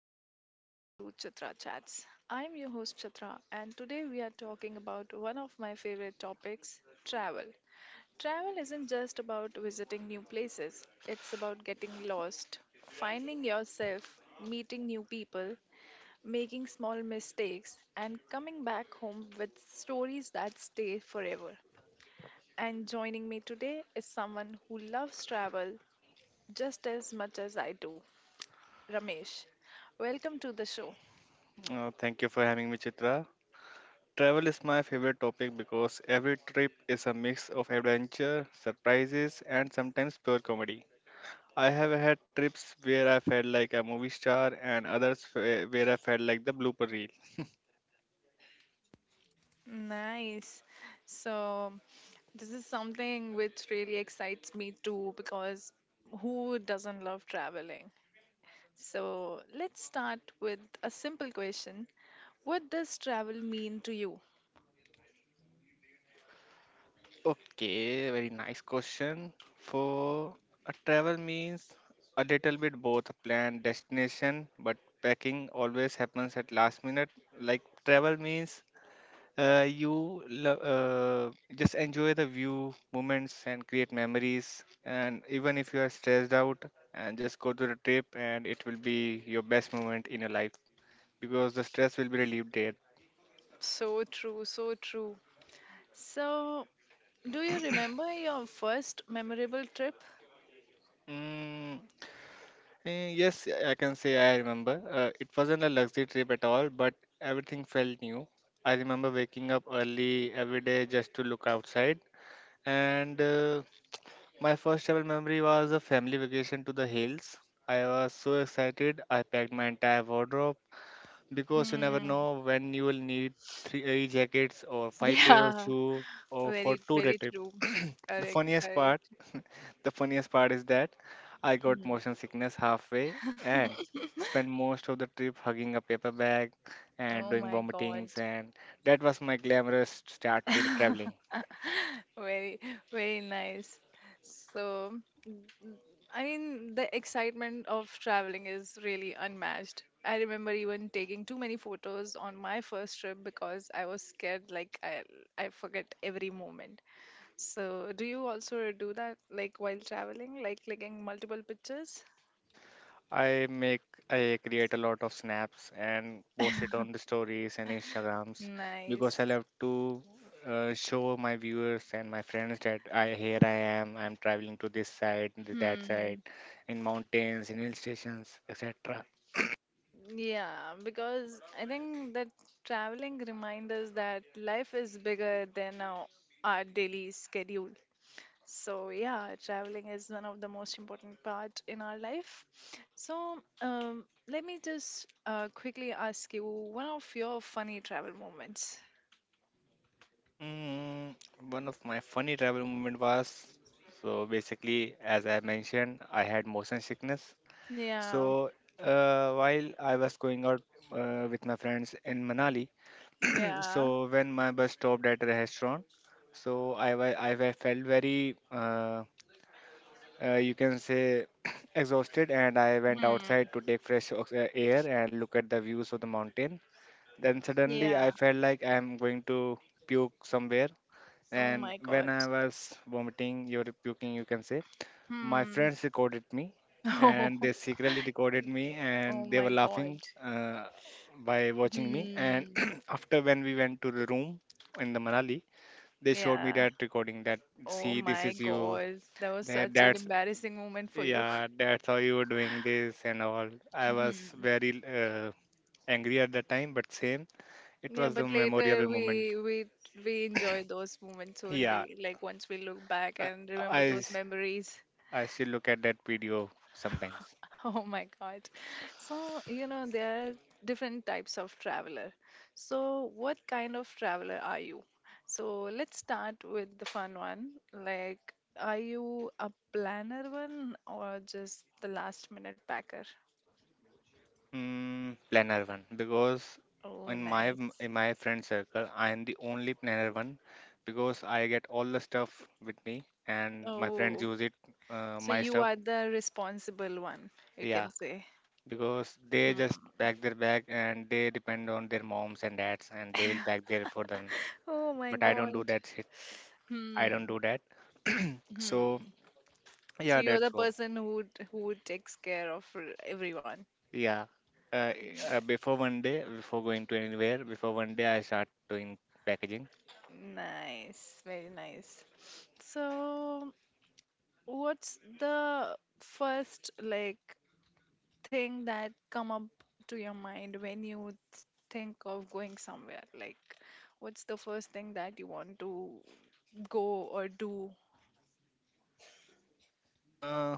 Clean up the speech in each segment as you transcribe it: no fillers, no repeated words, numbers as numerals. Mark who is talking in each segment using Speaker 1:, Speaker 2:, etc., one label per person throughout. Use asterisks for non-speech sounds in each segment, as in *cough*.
Speaker 1: welcome back to Chitra Chats. I'm your host Chitra, and today we are talking about one of my favorite topics travel. Travel isn't just about visiting new places, it's about getting lost, finding yourself, meeting new people, making small mistakes, and coming back home with stories that stay forever. And joining me today is someone who loves travel just as much as I do. Ramesh. Welcome to the show.
Speaker 2: Thank you for having me, Chitra. Travel is my favorite topic because every trip is a mix of adventure, surprises, and sometimes pure comedy. I have had trips where I felt like a movie star and others where I felt like the blooper reel.
Speaker 1: Nice. So, this is something which really excites me too because who doesn't love traveling? So, let's start with a simple question. What does travel mean to you?
Speaker 2: Okay, very nice question. For a travel means a little bit both a planned destination, but packing always happens at last minute. Like travel means just enjoy the view moments and create memories, and even if you are stressed out and just go to the trip and it will be your best moment in your life because the stress will be relieved there.
Speaker 1: So true, so true. So, do you remember your first memorable trip?
Speaker 2: mm, yes, I can say I remember, it wasn't a luxury trip at all, but everything felt new. I remember waking up early every day just to look outside, and my first travel memory was a family vacation to the hills. I was so excited. I packed my entire wardrobe because you never
Speaker 1: Hmm.
Speaker 2: know
Speaker 1: *laughs*
Speaker 2: when you will need three jackets or five pair of
Speaker 1: Yeah,
Speaker 2: shoes or for
Speaker 1: very,
Speaker 2: 2 day
Speaker 1: very
Speaker 2: trip.
Speaker 1: true.
Speaker 2: The
Speaker 1: Correct,
Speaker 2: funniest part,
Speaker 1: correct.
Speaker 2: the funniest part is that I got motion sickness halfway and
Speaker 1: *laughs*
Speaker 2: spent most of the trip hugging a paper bag and
Speaker 1: Oh
Speaker 2: doing
Speaker 1: my God.
Speaker 2: vomitings, and that was my glamorous start to the traveling.
Speaker 1: *laughs* Very, very nice. So, I mean, the excitement of traveling is really unmatched. I remember even taking too many photos on my first trip because I was scared, like I forget every moment. So, do you also do that, like while traveling, like clicking multiple pictures?
Speaker 2: I make I create a lot of snaps and post it on the stories and Instagrams because I
Speaker 1: Nice.
Speaker 2: love to show my viewers and my friends that I here I am, I'm traveling to this side and that side,
Speaker 1: Hmm.
Speaker 2: in mountains, in hill stations, etc.
Speaker 1: Yeah, because I think that traveling reminds us that life is bigger than our daily schedule. So yeah, traveling is one of the most important part in our life. So let me just quickly ask you one of your funny travel moments.
Speaker 2: Mm, one of my funny travel moment was, so basically as I mentioned I had motion sickness,
Speaker 1: Yeah,
Speaker 2: so while I was going out with my friends in Manali, *clears throat*
Speaker 1: yeah,
Speaker 2: so when my bus stopped at a restaurant, so felt very you can say *clears throat* exhausted, and I went
Speaker 1: hmm.
Speaker 2: outside to take fresh air and look at the views of the mountain. Then suddenly
Speaker 1: Yeah.
Speaker 2: I felt like I'm going to puke somewhere,
Speaker 1: Oh
Speaker 2: and
Speaker 1: my god.
Speaker 2: when I was vomiting, you're puking, you can say, my
Speaker 1: Hmm.
Speaker 2: friends
Speaker 1: *laughs*
Speaker 2: recorded me,
Speaker 1: Oh,
Speaker 2: and they secretly recorded me,
Speaker 1: oh
Speaker 2: and they
Speaker 1: my
Speaker 2: were
Speaker 1: god.
Speaker 2: laughing by watching me, and
Speaker 1: Hmm.
Speaker 2: *clears throat* after when we went to the room in the manali, they showed me
Speaker 1: Yeah.
Speaker 2: that recording that,
Speaker 1: Oh
Speaker 2: see this
Speaker 1: my
Speaker 2: is you,
Speaker 1: god. That was
Speaker 2: that,
Speaker 1: such an
Speaker 2: that's
Speaker 1: embarrassing moment for you.
Speaker 2: yeah that's how you were doing this, and all I was
Speaker 1: *laughs*
Speaker 2: very angry at the time, but same, it
Speaker 1: Yeah,
Speaker 2: was the
Speaker 1: but later
Speaker 2: memorable moment.
Speaker 1: we enjoy those moments
Speaker 2: Yeah,
Speaker 1: only. Like once we look back and remember
Speaker 2: i I
Speaker 1: those memories.
Speaker 2: I still look at that video sometimes.
Speaker 1: *laughs* Oh my God. So, you know, there are different types of traveler. So, what kind of traveler are you? So, let's start with the fun one. Like, are you a planner one or just the last minute packer?
Speaker 2: Mm, planner one, because
Speaker 1: Oh,
Speaker 2: in my
Speaker 1: nice.
Speaker 2: in my friend circle I am the only planner one, because I get all the stuff with me and my friends
Speaker 1: Oh,
Speaker 2: use it,
Speaker 1: so
Speaker 2: my
Speaker 1: you
Speaker 2: stuff.
Speaker 1: are the responsible one, you
Speaker 2: Yeah,
Speaker 1: can say.
Speaker 2: because they
Speaker 1: Hmm.
Speaker 2: just pack their bag and they depend on their moms and dads and they will pack there for them,
Speaker 1: Oh my
Speaker 2: but I don't do
Speaker 1: God.
Speaker 2: that shit. I don't
Speaker 1: Hmm.
Speaker 2: do that. So
Speaker 1: Hmm. So
Speaker 2: yeah,
Speaker 1: you're
Speaker 2: that's
Speaker 1: the
Speaker 2: all.
Speaker 1: person who who takes care of everyone.
Speaker 2: Yeah, uh,
Speaker 1: N-
Speaker 2: before 1 day, before going to anywhere, before 1 day I start doing packaging.
Speaker 1: Nice, very nice. So what's the first like thing that come up to your mind when you think of going somewhere? Like what's the first thing that you want to go or do?
Speaker 2: Uh,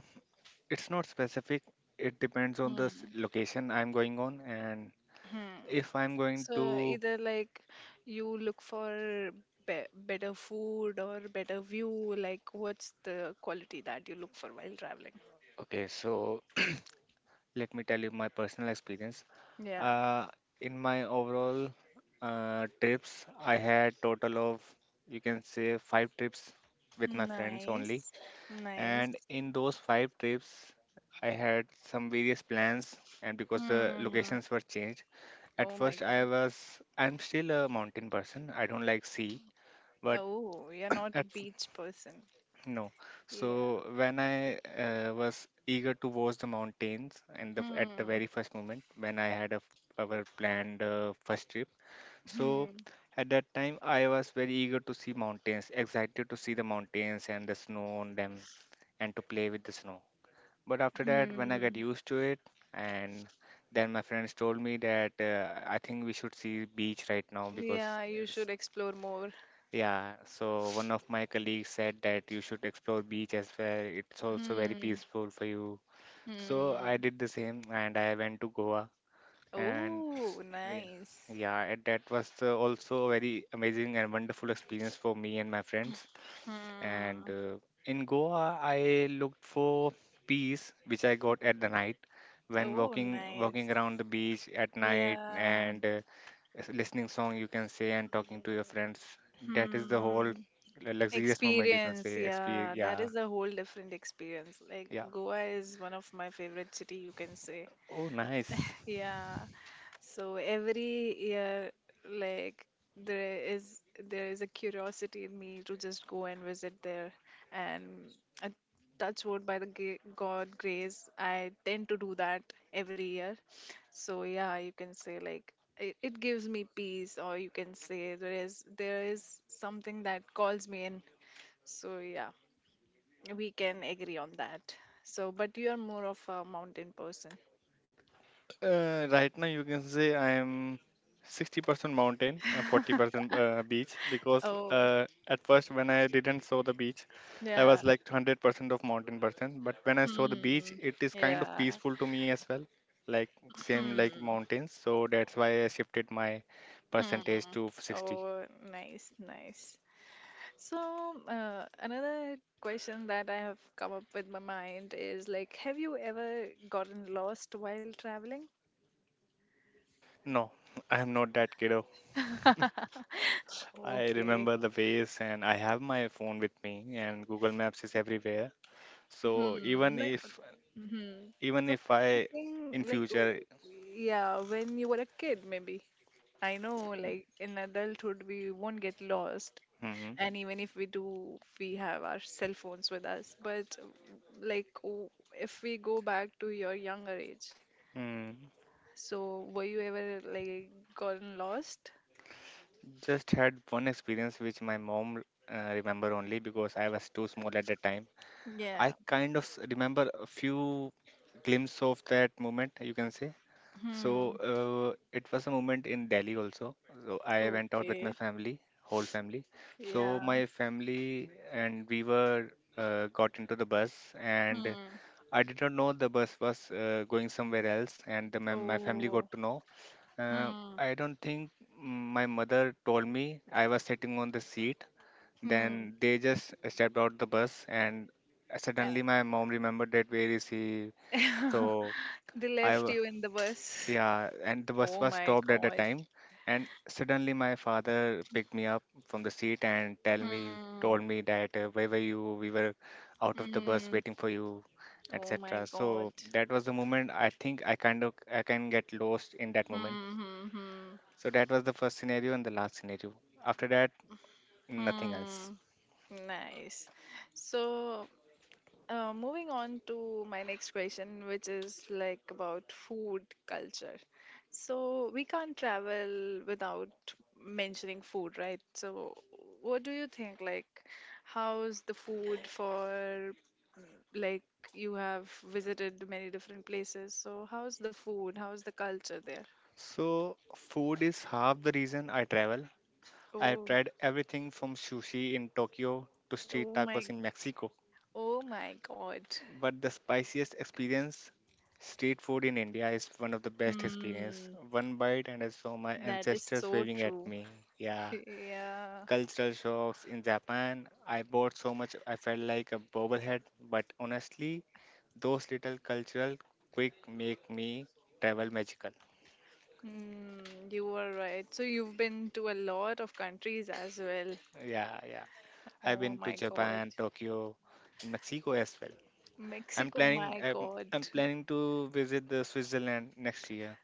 Speaker 2: It's not specific. It depends on the
Speaker 1: Hmm.
Speaker 2: location I'm going on, and
Speaker 1: Hmm.
Speaker 2: if I'm going
Speaker 1: So
Speaker 2: to.
Speaker 1: either like you look for be better food or better view, like what's the quality that you look for while traveling?
Speaker 2: Okay, so let me tell you my personal experience.
Speaker 1: Yeah.
Speaker 2: Uh, in my overall trips, I had total of, you can say, 5 trips with my friends only,
Speaker 1: Nice. Nice.
Speaker 2: and in those 5 trips, I had some various plans. And because the
Speaker 1: Hmm.
Speaker 2: locations were changed, at
Speaker 1: Oh my
Speaker 2: first I
Speaker 1: God.
Speaker 2: was, I'm still a mountain person. I don't like sea, but
Speaker 1: Oh, you're
Speaker 2: *clears throat*
Speaker 1: not a
Speaker 2: at,
Speaker 1: beach person.
Speaker 2: no.
Speaker 1: Yeah.
Speaker 2: So when I was eager to watch the mountains and the, at the
Speaker 1: Hmm.
Speaker 2: very first moment when I had our planned first trip. So
Speaker 1: Hmm.
Speaker 2: at that time I was very eager to see mountains, excited to see the mountains and the snow on them, and to play with the snow. But after that when I got
Speaker 1: Hmm.
Speaker 2: used to it, and then my friends told me that I think we should see beach right now because,
Speaker 1: Yeah, you
Speaker 2: uh,
Speaker 1: should explore more.
Speaker 2: yeah, so one of my colleagues said that you should explore beach as well. It's also very
Speaker 1: Hmm.
Speaker 2: peaceful for you. So
Speaker 1: Hmm.
Speaker 2: I did the same and I went to Goa, and
Speaker 1: Oh,
Speaker 2: yeah,
Speaker 1: nice.
Speaker 2: yeah, and that was also a very amazing and wonderful experience for me and my friends. And
Speaker 1: Hmm.
Speaker 2: in Goa, I looked for peace, which I got at the night when
Speaker 1: Oh,
Speaker 2: walking
Speaker 1: nice.
Speaker 2: around the beach at night,
Speaker 1: Yeah.
Speaker 2: and listening song, you can say, and talking to your friends, that is the whole
Speaker 1: Hmm.
Speaker 2: luxurious moment, you can
Speaker 1: Experience,
Speaker 2: say, experience.
Speaker 1: yeah, that
Speaker 2: Yeah,
Speaker 1: is a whole different experience. Like
Speaker 2: yeah,
Speaker 1: Goa is one of my favorite city, you can say.
Speaker 2: oh nice.
Speaker 1: Yeah, so every year, like there is there is a curiosity in me to just go and visit there, and I touch wood by the God grace, I tend to do that every year. So yeah, you can say like it gives me peace, or you can say there is something that calls me in. So yeah, we can agree on that. So, but you are more of a mountain person.
Speaker 2: Right now, you can say I am 60% mountain and
Speaker 1: *laughs*
Speaker 2: 40% beach, because
Speaker 1: Oh,
Speaker 2: at first when I didn't saw the beach I
Speaker 1: yeah.
Speaker 2: was like 100% of mountain person, but when I saw the beach
Speaker 1: Hmm.
Speaker 2: it is kind of
Speaker 1: Yeah.
Speaker 2: peaceful to me as well, like same like
Speaker 1: Hmm.
Speaker 2: mountains, so that's why I shifted my
Speaker 1: Hmm.
Speaker 2: percentage to 60.
Speaker 1: Oh, nice, nice. So, another question that I have come up with my mind is like, have you ever gotten lost while traveling?
Speaker 2: No, *laughs* I am not that kiddo.
Speaker 1: *laughs*
Speaker 2: I
Speaker 1: Okay.
Speaker 2: remember the ways and I have my phone with me, and Google Maps is everywhere. So
Speaker 1: Hmm.
Speaker 2: even
Speaker 1: Like,
Speaker 2: if,
Speaker 1: hmm.
Speaker 2: even
Speaker 1: So,
Speaker 2: if
Speaker 1: I'm
Speaker 2: I
Speaker 1: asking,
Speaker 2: in
Speaker 1: like,
Speaker 2: future.
Speaker 1: yeah, when you were a kid, maybe. I know, like, in adulthood, we won't get lost,
Speaker 2: Mhm.
Speaker 1: and even if we do we have our cell phones with us but like if we go back to your younger age
Speaker 2: mm,
Speaker 1: so were you ever like gotten lost
Speaker 2: just had one experience which my mom remember only, because I was too small at that time. I
Speaker 1: yeah
Speaker 2: kind of remember a few glimpse of that moment, you can say. So
Speaker 1: hmm
Speaker 2: it was a moment in Delhi also. So I went out with my
Speaker 1: okay
Speaker 2: family, whole family. So
Speaker 1: yeah
Speaker 2: my family and we were got into the bus, and
Speaker 1: hmm
Speaker 2: I did not know the bus was going somewhere else, and my family
Speaker 1: oh
Speaker 2: got to know. Uh,
Speaker 1: hmm
Speaker 2: I don't think, my mother told me I was sitting on the seat.
Speaker 1: hmm
Speaker 2: Then they just stepped out the bus, and suddenly my mom remembered that where is he?
Speaker 1: yeah
Speaker 2: So
Speaker 1: *laughs* they
Speaker 2: I
Speaker 1: left
Speaker 2: wa-
Speaker 1: you in the bus
Speaker 2: yeah, and the
Speaker 1: oh
Speaker 2: bus was
Speaker 1: my
Speaker 2: stopped at the
Speaker 1: god
Speaker 2: time, and suddenly my father picked me up from the seat and
Speaker 1: hmm
Speaker 2: told me that, where were you? We were out of the bus
Speaker 1: hmm
Speaker 2: waiting for you,
Speaker 1: oh my
Speaker 2: etc.
Speaker 1: god
Speaker 2: So that was the moment, I think I kind of I can get lost in that moment.
Speaker 1: hmm hmm hmm
Speaker 2: So that was the first scenario and the last scenario. After that, nothing else.
Speaker 1: hmm Nice. So, moving on to my next question, which is like about food culture. So, we can't travel without mentioning food, right? So, what do you think? Like, how's the food for like you have visited many different places? So, how's the food? How's the culture there?
Speaker 2: So food is half the reason I travel. I have
Speaker 1: Oh,
Speaker 2: tried everything from sushi in Tokyo to street
Speaker 1: oh my,
Speaker 2: tacos in Mexico.
Speaker 1: oh my God.
Speaker 2: But the spiciest experience, street food in India is one of the best experience.
Speaker 1: Hmm,
Speaker 2: One bite and I saw my
Speaker 1: that is
Speaker 2: ancestors
Speaker 1: so
Speaker 2: waving at
Speaker 1: true.
Speaker 2: me.
Speaker 1: *laughs*
Speaker 2: Yeah.
Speaker 1: Yeah.
Speaker 2: Cultural shocks in Japan. I bought so much I felt like a bobblehead. But honestly, those little cultural quick make me travel magical.
Speaker 1: Mm, you are right. So you've been to a lot of countries as well.
Speaker 2: Yeah, yeah. I've
Speaker 1: Oh
Speaker 2: been to
Speaker 1: my God.
Speaker 2: Japan, Tokyo, and Mexico as well.
Speaker 1: Mexico, my God.
Speaker 2: I'm planning to visit the Switzerland next year.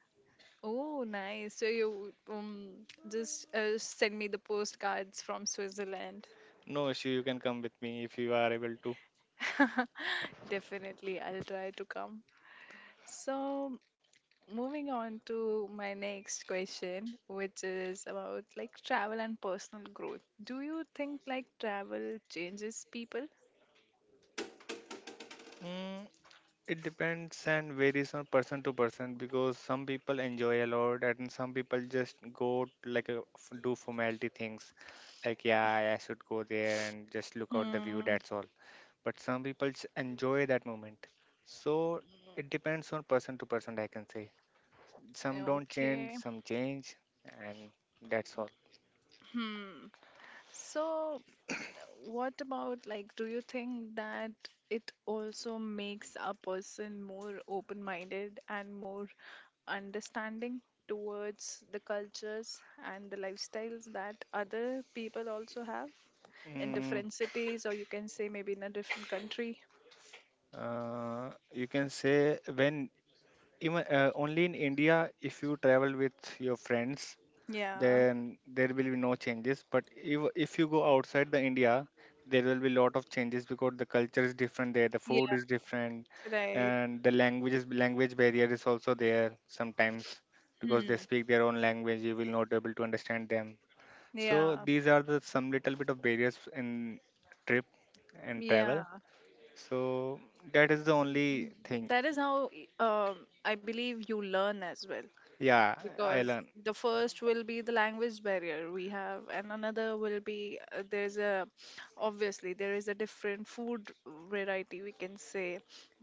Speaker 1: Oh, nice. So you just send me the postcards from Switzerland.
Speaker 2: No issue. You can come with me if you are able to.
Speaker 1: *laughs* Definitely, I'll try to come. So moving on to my next question, which is about like travel and personal growth. Do you think like travel changes people?
Speaker 2: Mm, it depends and varies on person to person, because some people enjoy a lot and some people just go like a, do formality things, like yeah I should go there and just look out the view,
Speaker 1: Hmm.
Speaker 2: that's all. But some people enjoy that moment, so it depends on person to person, I can say. Some don't change,
Speaker 1: Okay.
Speaker 2: some change, and that's all.
Speaker 1: Hmm. So, what about like, do you think that it also makes a person more open-minded and more understanding towards the cultures and the lifestyles that other people also have in
Speaker 2: Mm,
Speaker 1: different cities, or you can say maybe in a different country?
Speaker 2: you can say when, even only in India if you travel with your friends,
Speaker 1: Yeah.
Speaker 2: then there will be no changes, but if you go outside the india there will be lot of changes, because the culture is different there, the
Speaker 1: Yeah.
Speaker 2: food is different,
Speaker 1: Right.
Speaker 2: and the languages language barrier is also there sometimes, because they
Speaker 1: Hmm.
Speaker 2: speak their own language, you will not able to understand them. So
Speaker 1: Yeah.
Speaker 2: these are the some little bit of barriers in trip and
Speaker 1: Yeah.
Speaker 2: travel. So that is the only thing.
Speaker 1: That is how um, I believe you learn as well,
Speaker 2: Yeah, I
Speaker 1: because
Speaker 2: learn.
Speaker 1: the first will be the language barrier we have and another will be there's a obviously there is a different food variety we can say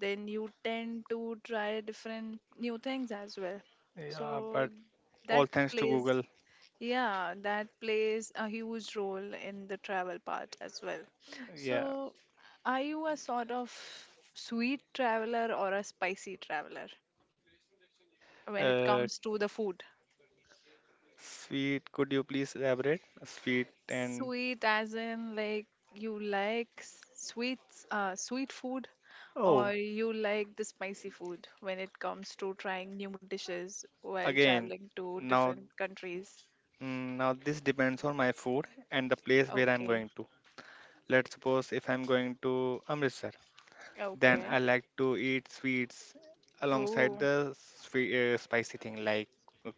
Speaker 1: then you tend to try different new things as well so
Speaker 2: Yeah, but all
Speaker 1: that
Speaker 2: thanks to
Speaker 1: plays
Speaker 2: google.
Speaker 1: yeah that plays a huge role in the travel part as well.
Speaker 2: Yeah.
Speaker 1: So are you a sort of sweet traveler or a spicy traveler when it
Speaker 2: uh,
Speaker 1: comes to the food?
Speaker 2: Sweet, could you please elaborate? Sweet and,
Speaker 1: Sweet as in like you like sweets, sweet food,
Speaker 2: oh,
Speaker 1: or you like the spicy food when it comes to trying new dishes while
Speaker 2: again,
Speaker 1: traveling to
Speaker 2: now,
Speaker 1: different countries.
Speaker 2: now this depends on my food and the place where I'm
Speaker 1: Okay.
Speaker 2: going to. Let's suppose if I'm going to Amritsar, then I
Speaker 1: Okay.
Speaker 2: like to eat sweets alongside
Speaker 1: Oh,
Speaker 2: the sweet, spicy thing, like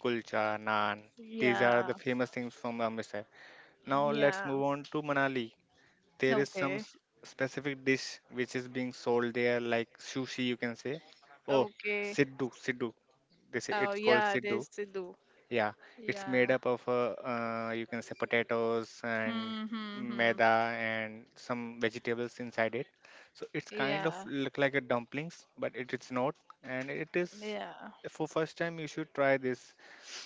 Speaker 2: kulcha, naan. These are the
Speaker 1: yeah.
Speaker 2: famous things from Amritsar. Now
Speaker 1: Mm,
Speaker 2: let's
Speaker 1: yeah.
Speaker 2: move on to Manali. There is some
Speaker 1: Okay.
Speaker 2: specific dish which is being sold there, like sushi, you can say. Oh,
Speaker 1: Okay.
Speaker 2: siddu. They say
Speaker 1: Oh,
Speaker 2: it's called
Speaker 1: yeah,
Speaker 2: siddu.
Speaker 1: there's Sidhu.
Speaker 2: Yeah, it's made
Speaker 1: Yeah.
Speaker 2: up of you can say potatoes and
Speaker 1: Hmm, hmm, hmm.
Speaker 2: maida and some vegetables inside it. So it's kind of
Speaker 1: Yeah.
Speaker 2: look like a dumplings, but it is not. And it is
Speaker 1: Yeah.
Speaker 2: for first time you should try this.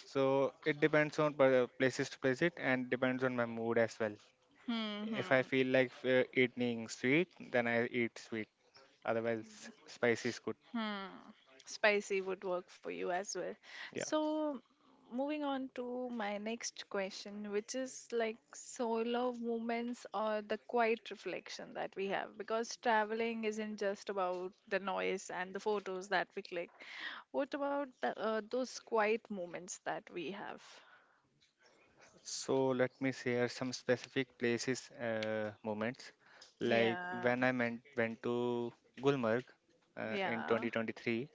Speaker 2: So it depends on places to place it, and depends on my mood as well.
Speaker 1: Hmm,
Speaker 2: If I
Speaker 1: hmm.
Speaker 2: feel like eating sweet, then I eat sweet. Otherwise, spicy is good.
Speaker 1: Hmm. Spicy would work for you as well.
Speaker 2: Yeah.
Speaker 1: So, moving on to my next question, which is like solo moments or the quiet reflection that we have. Because traveling isn't just about the noise and the photos that we click. What about the, those quiet moments that we have?
Speaker 2: So let me share some specific places, moments. Like
Speaker 1: Yeah,
Speaker 2: when I went to Gulmarg in
Speaker 1: yeah,
Speaker 2: 2023.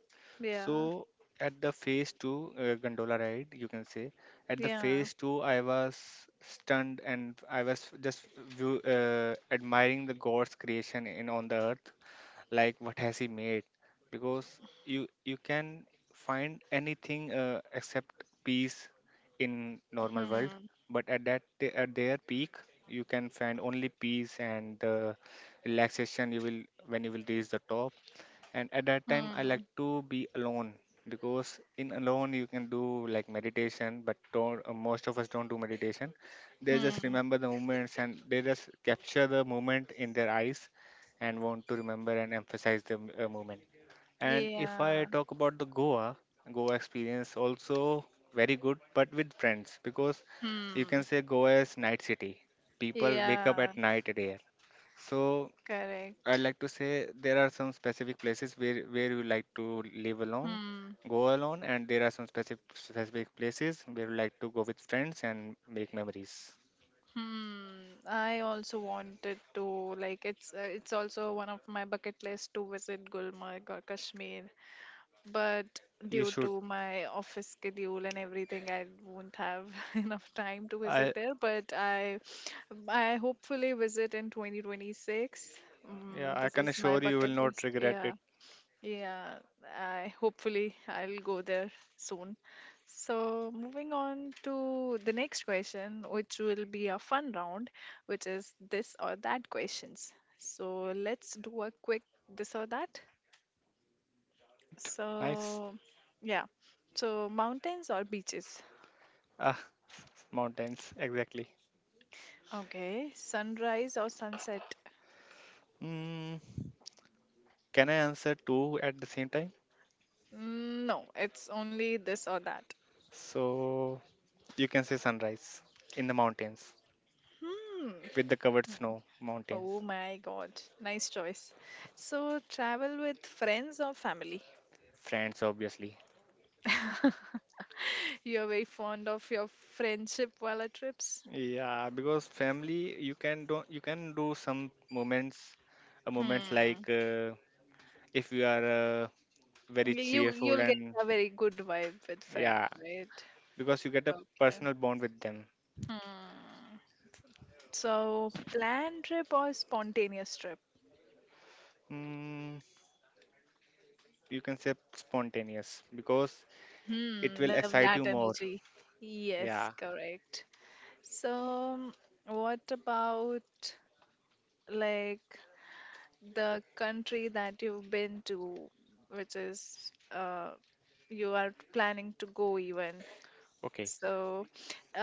Speaker 1: yeah,
Speaker 2: So at the phase two gondola ride, you can say, at the
Speaker 1: yeah.
Speaker 2: phase two, I was stunned and I was just view, admiring the God's creation in on the earth, like what has He made? Because you can find anything except peace in normal world,
Speaker 1: Hmm,
Speaker 2: but at that at their peak, you can find only peace and relaxation. You will when you will reach the top, and at that time I like
Speaker 1: hmm,
Speaker 2: to be alone, because in alone you can do like meditation, but don't, most of us don't do meditation. They just
Speaker 1: hmm.
Speaker 2: remember the moments and they just capture the moment in their eyes and want to remember and emphasize the moment. And if I
Speaker 1: Yeah,
Speaker 2: talk about the goa experience also, very good but with friends, because you can
Speaker 1: hmm.
Speaker 2: say goa is night city, people wake up at
Speaker 1: Yeah,
Speaker 2: night there. So I'd
Speaker 1: correct.
Speaker 2: like to say there are some specific places where you like to live alone,
Speaker 1: Hmm.
Speaker 2: go alone, and there are some specific places where you like to go with friends and make memories.
Speaker 1: Hmm. I also wanted to like it's also one of my bucket list to visit Gulmarg or Kashmir, but
Speaker 2: You
Speaker 1: due
Speaker 2: should.
Speaker 1: to my office schedule and everything, I won't have *laughs* enough time to
Speaker 2: I
Speaker 1: visit there. But I hopefully visit in 2026.
Speaker 2: Yeah,
Speaker 1: Mm,
Speaker 2: I
Speaker 1: this
Speaker 2: can
Speaker 1: is my
Speaker 2: assure you will
Speaker 1: bucket
Speaker 2: not
Speaker 1: list.
Speaker 2: regret
Speaker 1: Yeah.
Speaker 2: it.
Speaker 1: Yeah, I hopefully I'll go there soon. So moving on to the next question, which will be a fun round, which is this or that questions. So let's do a quick this or that.
Speaker 2: Great, nice.
Speaker 1: So yeah. So mountains or beaches?
Speaker 2: Ah, *laughs* mountains exactly.
Speaker 1: Okay. Sunrise or sunset?
Speaker 2: Mm, can I answer two at the same time?
Speaker 1: Mm, no, it's only this or that.
Speaker 2: So you can say sunrise in the mountains
Speaker 1: Hmm.
Speaker 2: with the covered snow
Speaker 1: Oh
Speaker 2: mountains.
Speaker 1: my God. Nice choice. So travel with friends or family?
Speaker 2: Friends, obviously.
Speaker 1: *laughs* You're very fond of your friendship Vala trips.
Speaker 2: Yeah, because family, you can do some moments, moments
Speaker 1: Hmm.
Speaker 2: like if you are uh, very
Speaker 1: You
Speaker 2: cheerful
Speaker 1: you'll get
Speaker 2: and
Speaker 1: a very good vibe with friends,
Speaker 2: yeah,
Speaker 1: right?
Speaker 2: because you get a
Speaker 1: Okay.
Speaker 2: personal bond with them.
Speaker 1: Hmm. So planned trip or spontaneous trip?
Speaker 2: Mm, you can say spontaneous because it
Speaker 1: Hmm.
Speaker 2: will
Speaker 1: Love that
Speaker 2: excite you more.
Speaker 1: energy. Yes,
Speaker 2: Yeah.
Speaker 1: correct. So what about like the country that you've been to, which is you are planning to go even?
Speaker 2: Okay.
Speaker 1: So,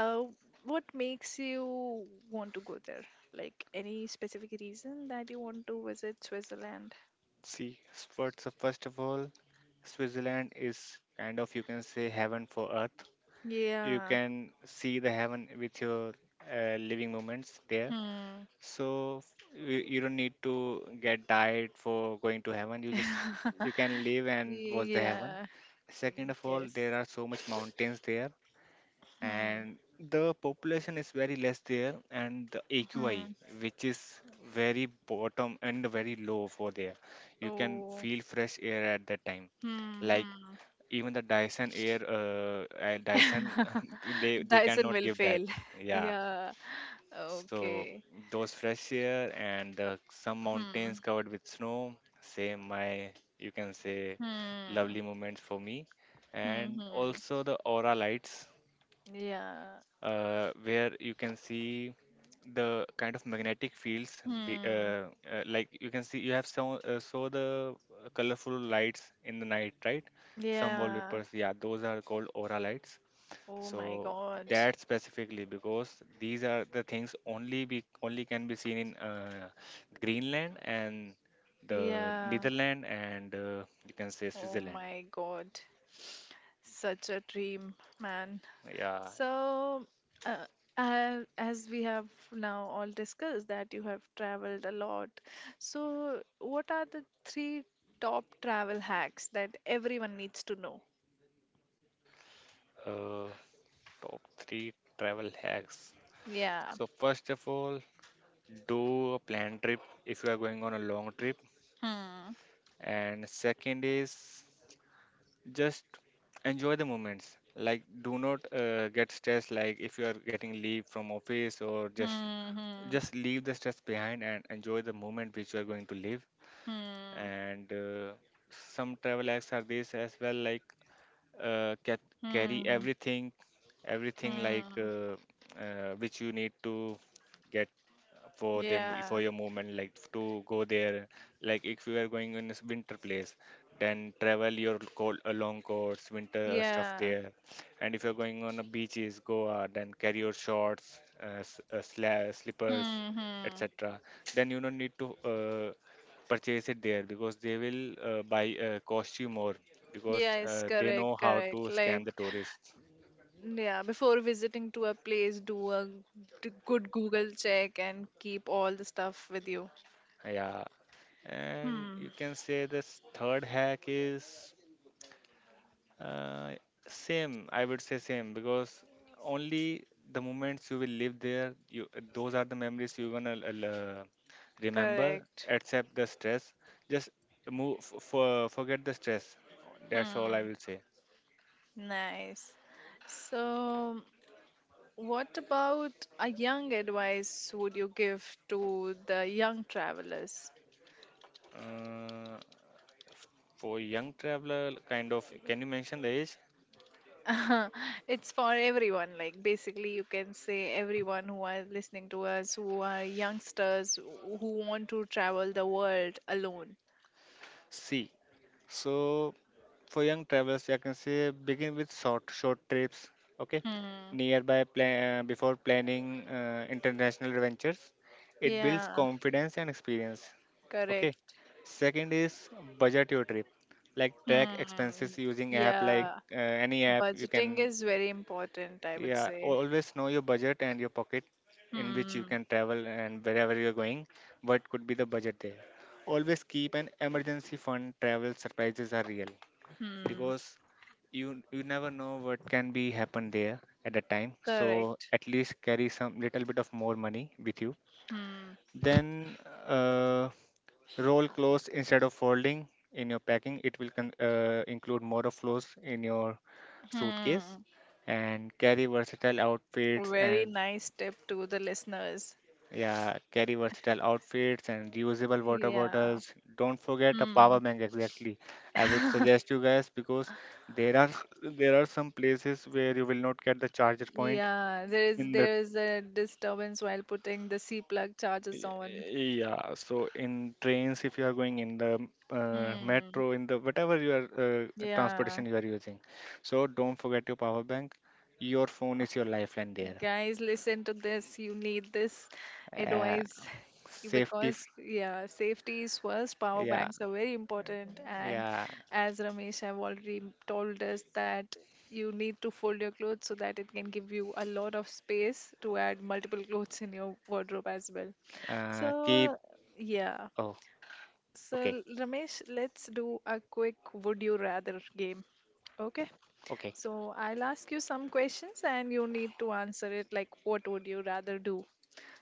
Speaker 1: uh, what makes you want to go there? Like any specific reason that you want to visit Switzerland?
Speaker 2: See, so first of all, Switzerland is kind of, you can say, heaven for earth. You
Speaker 1: Yeah.
Speaker 2: can see the heaven with your living moments there.
Speaker 1: Hmm.
Speaker 2: So you don't need to get diet for going to heaven. You just, you can live and watch the heaven.
Speaker 1: Yeah.
Speaker 2: Second of all,
Speaker 1: Yes.
Speaker 2: there are so much mountains there,
Speaker 1: Hmm.
Speaker 2: and the population is very less there, and the AQI,
Speaker 1: Hmm.
Speaker 2: which is very bottom and very low for there. You can
Speaker 1: Oh.
Speaker 2: feel fresh air at that time,
Speaker 1: Hmm.
Speaker 2: like
Speaker 1: Hmm.
Speaker 2: even the Dyson air, Dyson,
Speaker 1: *laughs*
Speaker 2: *laughs* they
Speaker 1: Dyson
Speaker 2: cannot
Speaker 1: will
Speaker 2: give that.
Speaker 1: fail. *laughs*
Speaker 2: Yeah,
Speaker 1: Yeah.
Speaker 2: so
Speaker 1: Okay.
Speaker 2: those fresh air and the some mountains
Speaker 1: Hmm.
Speaker 2: covered with snow, same my, you can say,
Speaker 1: Hmm.
Speaker 2: lovely moments for me,
Speaker 1: Hmm.
Speaker 2: and
Speaker 1: Hmm.
Speaker 2: also the aura lights,
Speaker 1: Yeah.
Speaker 2: where you can see the kind of magnetic fields.
Speaker 1: Hmm.
Speaker 2: Like you can see, you have saw the colorful lights in the night, right? Some
Speaker 1: Yeah.
Speaker 2: wallpapers, yeah, those are called aura lights.
Speaker 1: Oh my
Speaker 2: So
Speaker 1: God.
Speaker 2: that specifically, because these are the things only be only can be seen in Greenland and the
Speaker 1: Yeah.
Speaker 2: Netherlands and you can say
Speaker 1: Oh
Speaker 2: Switzerland.
Speaker 1: my God, such a dream, man.
Speaker 2: Yeah,
Speaker 1: So, uh, as we have now all discussed that you have traveled a lot. So, what are the three top travel hacks that everyone needs to know?
Speaker 2: uh, top three travel hacks.
Speaker 1: Yeah.
Speaker 2: So first of all, do a planned trip if you are going on a long trip,
Speaker 1: Hmm.
Speaker 2: and second is just enjoy the moments. Like, do not get stressed. Like if you are getting leave from office, or
Speaker 1: Hmm.
Speaker 2: just leave the stress behind and enjoy the moment which you are going to live,
Speaker 1: Hmm.
Speaker 2: and some travel acts are this as well, like uh, get, carry
Speaker 1: Hmm. Hmm.
Speaker 2: everything, everything, like
Speaker 1: Hmm.
Speaker 2: which you need to get for them
Speaker 1: Yeah.
Speaker 2: for your movement, like to go there. Like if you are going in this winter place, then travel your cold, a long coats, winter stuff
Speaker 1: Yeah.
Speaker 2: there. And if you're going on a beaches goa, then carry your shorts, slippers,
Speaker 1: Hmm. Hmm.
Speaker 2: etc. Then you don't need to purchase it there, because they will buy cost you more, because
Speaker 1: Yes,
Speaker 2: they
Speaker 1: correct,
Speaker 2: know how
Speaker 1: correct.
Speaker 2: to
Speaker 1: Like
Speaker 2: scam the tourists.
Speaker 1: Yeah, before visiting to a place, do a good Google check and keep all the stuff with you.
Speaker 2: Yeah, and you
Speaker 1: Hmm,
Speaker 2: can say this third hack is uh, same. I would say same, because only the moments you will live there, you, those are the memories you gonna remember.
Speaker 1: correct.
Speaker 2: Accept the stress. Just move. Forget the stress. That's all I
Speaker 1: Hmm,
Speaker 2: will say.
Speaker 1: nice. So, what about a young advice would you give to the young travelers?
Speaker 2: Uh, for young traveler, kind of. Can you mention the age?
Speaker 1: *laughs* It's for everyone, like basically, you can say everyone who are listening to us, who are youngsters who want to travel the world alone.
Speaker 2: See. So for young travelers, I can say, begin with short trips, okay,
Speaker 1: Hmm,
Speaker 2: nearby plan before planning international adventures. It builds
Speaker 1: yeah.
Speaker 2: confidence and experience. Okay.
Speaker 1: Correct.
Speaker 2: Second is budget your trip, like track
Speaker 1: Hmm.
Speaker 2: expenses using app, like
Speaker 1: Yeah.
Speaker 2: uh, any app you
Speaker 1: Budgeting
Speaker 2: can.
Speaker 1: is very important, I would
Speaker 2: Yeah,
Speaker 1: say.
Speaker 2: always know your budget and your pocket in which you
Speaker 1: Hmm.
Speaker 2: can travel, and wherever you're going, what could be the budget there. Always keep an emergency fund. Travel surprises are real,
Speaker 1: Hmm.
Speaker 2: because you never know what can be happen there at that time, so
Speaker 1: Correct.
Speaker 2: at least carry some little bit of more money with you.
Speaker 1: Hmm.
Speaker 2: Then uh, roll clothes instead of folding in your packing, it will include more of clothes in your suitcase,
Speaker 1: Hmm.
Speaker 2: and carry versatile outfits
Speaker 1: Very
Speaker 2: and,
Speaker 1: nice tip to the listeners.
Speaker 2: yeah, carry versatile outfits and reusable water
Speaker 1: Yeah.
Speaker 2: bottles. Don't forget a
Speaker 1: Hmm.
Speaker 2: power bank, exactly. I would
Speaker 1: *laughs*
Speaker 2: suggest you guys, because there are *laughs* there are some places where you will not get the charger point
Speaker 1: Yeah, there is
Speaker 2: in the
Speaker 1: there is a disturbance while putting the C plug chargers on.
Speaker 2: Y- yeah, so in trains, if you are going in the
Speaker 1: Hmm.
Speaker 2: metro, in the, whatever your uh,
Speaker 1: Yeah.
Speaker 2: transportation you are using. So don't forget your power bank. Your phone is your lifeline there.
Speaker 1: Guys, listen to this. You need this
Speaker 2: Uh,
Speaker 1: advice *laughs*
Speaker 2: safety f-
Speaker 1: because, yeah, safety is first. Power
Speaker 2: yeah,
Speaker 1: banks are very important. And
Speaker 2: yeah.
Speaker 1: as Ramesh have already told us, that you need to fold your clothes so that it can give you a lot of space to add multiple clothes in your wardrobe as well.
Speaker 2: Keep
Speaker 1: So, yeah.
Speaker 2: oh, okay.
Speaker 1: So, Ramesh, let's do a quick would you rather game. Okay.
Speaker 2: Okay.
Speaker 1: So, I'll ask you some questions and you need to answer it like, what would you rather do?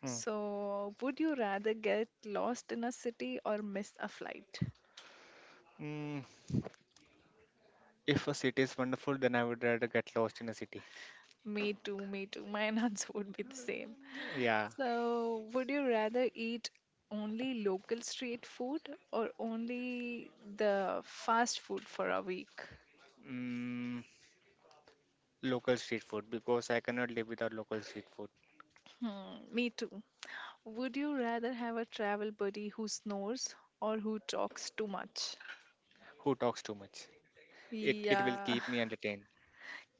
Speaker 2: Mm.
Speaker 1: So, would you rather get lost in a city or miss a flight?
Speaker 2: Mm. If a city is wonderful, then I would rather get lost in a city.
Speaker 1: Me too, me too. My *laughs* answer would be the same.
Speaker 2: Yeah.
Speaker 1: So, would you rather eat only local street food or only the fast food for a week?
Speaker 2: Mm. Local street food, because I cannot live without local street food.
Speaker 1: Hmm, me too. Would you rather have a travel buddy who snores or who talks too much?
Speaker 2: Who talks too much? It will keep me
Speaker 1: Yeah, *laughs*
Speaker 2: entertained.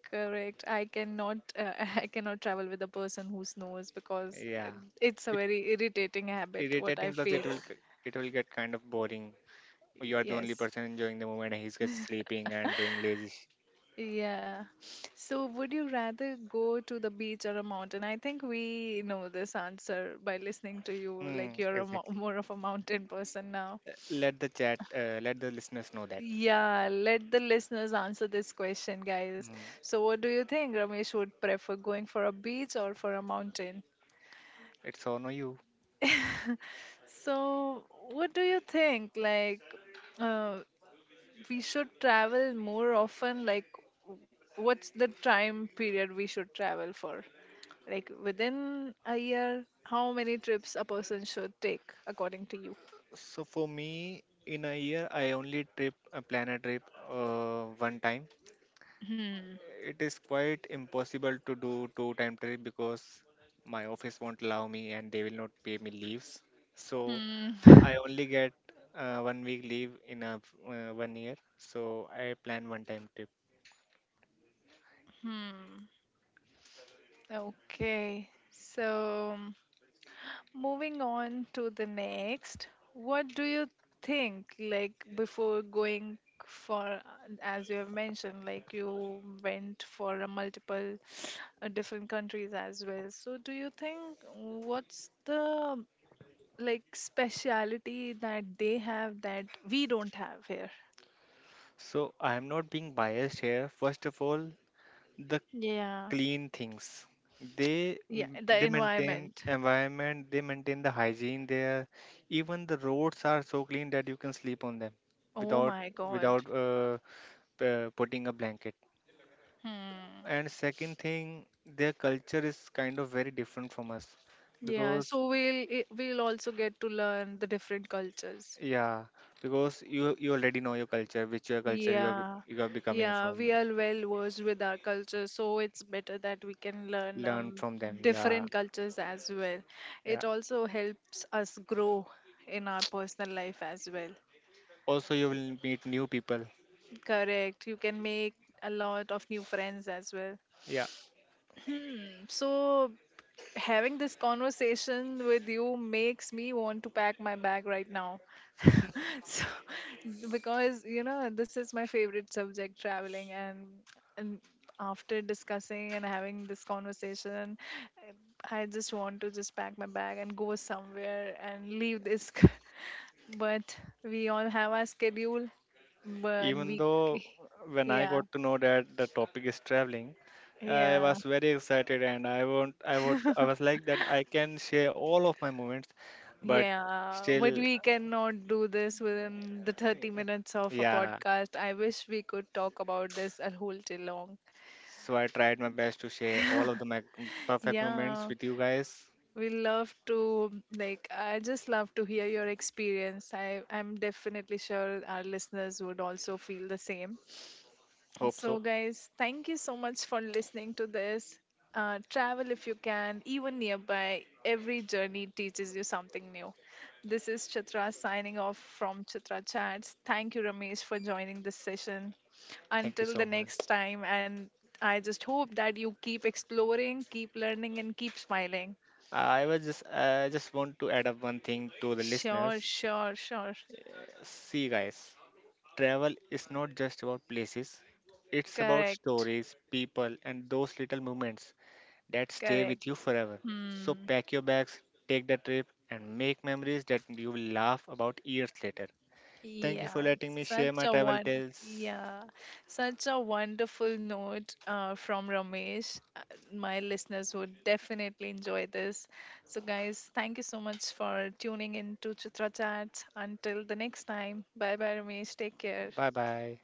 Speaker 1: correct. I cannot *laughs* I cannot travel with a person who snores because
Speaker 2: Yeah.
Speaker 1: it's a
Speaker 2: It,
Speaker 1: very irritating habit what I
Speaker 2: irritating, plus it
Speaker 1: feel.
Speaker 2: will it will get kind of boring. You are the only
Speaker 1: Yes.
Speaker 2: person enjoying the moment and he's just sleeping and doing lazy.
Speaker 1: Yeah. So would you rather go to the beach or a mountain? I think we know this answer by listening to you like
Speaker 2: Mm,
Speaker 1: you're a mo *laughs*
Speaker 2: exactly.
Speaker 1: more of a mountain person now.
Speaker 2: Uh, let the chat, let the listeners know that.
Speaker 1: Yeah, let the listeners answer this question, guys.
Speaker 2: Mm.
Speaker 1: So, what do you think Ramesh would prefer going for a beach or for a mountain?
Speaker 2: It's on you.
Speaker 1: *laughs* So, what do you think? Like, uh, we should travel more often? Like, w- what's the time period we should travel for? Like, within a year, how many trips a person should take, according to you?
Speaker 2: So for me, in a year, I only trip a plan a trip one time.
Speaker 1: Hmm.
Speaker 2: It is quite impossible to do two time trip, because my office won't allow me and they will not pay me leaves. So
Speaker 1: Hmm.
Speaker 2: I
Speaker 1: *laughs*
Speaker 2: only get 1 week leave in a 1 year. So I plan one time trip.
Speaker 1: Hmm. Okay. So. Moving on to the next, what do you think like before going for as you have mentioned like you went for a multiple different countries as well. So do you think what's the like speciality that they have that we don't have here?
Speaker 2: So I am not being biased here. First of all, the
Speaker 1: Yeah.
Speaker 2: clean things. They
Speaker 1: Yeah, the
Speaker 2: they maintain
Speaker 1: environment.
Speaker 2: environment, they maintain the hygiene there. Even the roads are so clean that you can sleep on them
Speaker 1: Oh
Speaker 2: without
Speaker 1: my God.
Speaker 2: without uh, putting a blanket.
Speaker 1: Hmm.
Speaker 2: And second thing, their culture is kind of very different from us,
Speaker 1: Yeah,
Speaker 2: because
Speaker 1: so we'll also get to learn the different cultures.
Speaker 2: yeah, because you already know your culture, which your culture you are,
Speaker 1: Yeah,
Speaker 2: you are becoming
Speaker 1: yeah,
Speaker 2: from.
Speaker 1: we are well versed with our culture, so it's better that we can learn
Speaker 2: Learn from them. Yeah,
Speaker 1: different cultures as well.
Speaker 2: yeah.
Speaker 1: It also helps us grow in our personal life as well.
Speaker 2: Also, you will meet new people.
Speaker 1: Correct. You can make a lot of new friends as well.
Speaker 2: Yeah.
Speaker 1: Hmm. So, having this conversation with you makes me want to pack my bag right now. *laughs* So, because you know, this is my favorite subject, traveling, and after discussing and having this conversation, I just want to just pack my bag and go somewhere and leave this. *laughs* But we all have our schedule, but
Speaker 2: Even
Speaker 1: we,
Speaker 2: though, when I
Speaker 1: yeah,
Speaker 2: got to know that the topic is traveling, I
Speaker 1: yeah.
Speaker 2: was very excited, and I
Speaker 1: *laughs*
Speaker 2: was like that I can share all of my moments, but
Speaker 1: Yeah, but
Speaker 2: still,
Speaker 1: we cannot do this within the 30 minutes of a
Speaker 2: yeah.
Speaker 1: podcast. I wish we could talk about this a whole day long.
Speaker 2: So I tried my best to share all of the perfect moments
Speaker 1: Yeah,
Speaker 2: with you guys.
Speaker 1: we love to like I just love to hear your experience. I I'm definitely sure our listeners would also feel the same.
Speaker 2: Hope
Speaker 1: So,
Speaker 2: so.
Speaker 1: guys, thank you so much for listening to this. Travel if you can, even nearby. Every journey teaches you something new. This is Chitra signing off from Chitra Chats. Thank you, Ramesh, for joining this session.
Speaker 2: Thank you
Speaker 1: Until
Speaker 2: so
Speaker 1: the
Speaker 2: much.
Speaker 1: next time, and I just hope that you keep exploring, keep learning, and keep smiling.
Speaker 2: I just want to add up one thing to the
Speaker 1: Sure,
Speaker 2: listeners.
Speaker 1: sure, sure.
Speaker 2: See guys, travel is not just about places. It's about
Speaker 1: Correct,
Speaker 2: stories, people, and those little moments that stay
Speaker 1: correct.
Speaker 2: with you forever. So
Speaker 1: Hmm.
Speaker 2: pack your bags, take the trip, and make memories that you will laugh about years later. Thank you for
Speaker 1: Yeah,
Speaker 2: letting me share
Speaker 1: such
Speaker 2: my
Speaker 1: a
Speaker 2: travel
Speaker 1: one.
Speaker 2: tales.
Speaker 1: Yeah, such a wonderful note from Ramesh. My listeners would definitely enjoy this. So, guys, thank you so much for tuning in to Chitra Chat. Until the next time, bye bye, Ramesh. Take care.
Speaker 2: Bye bye.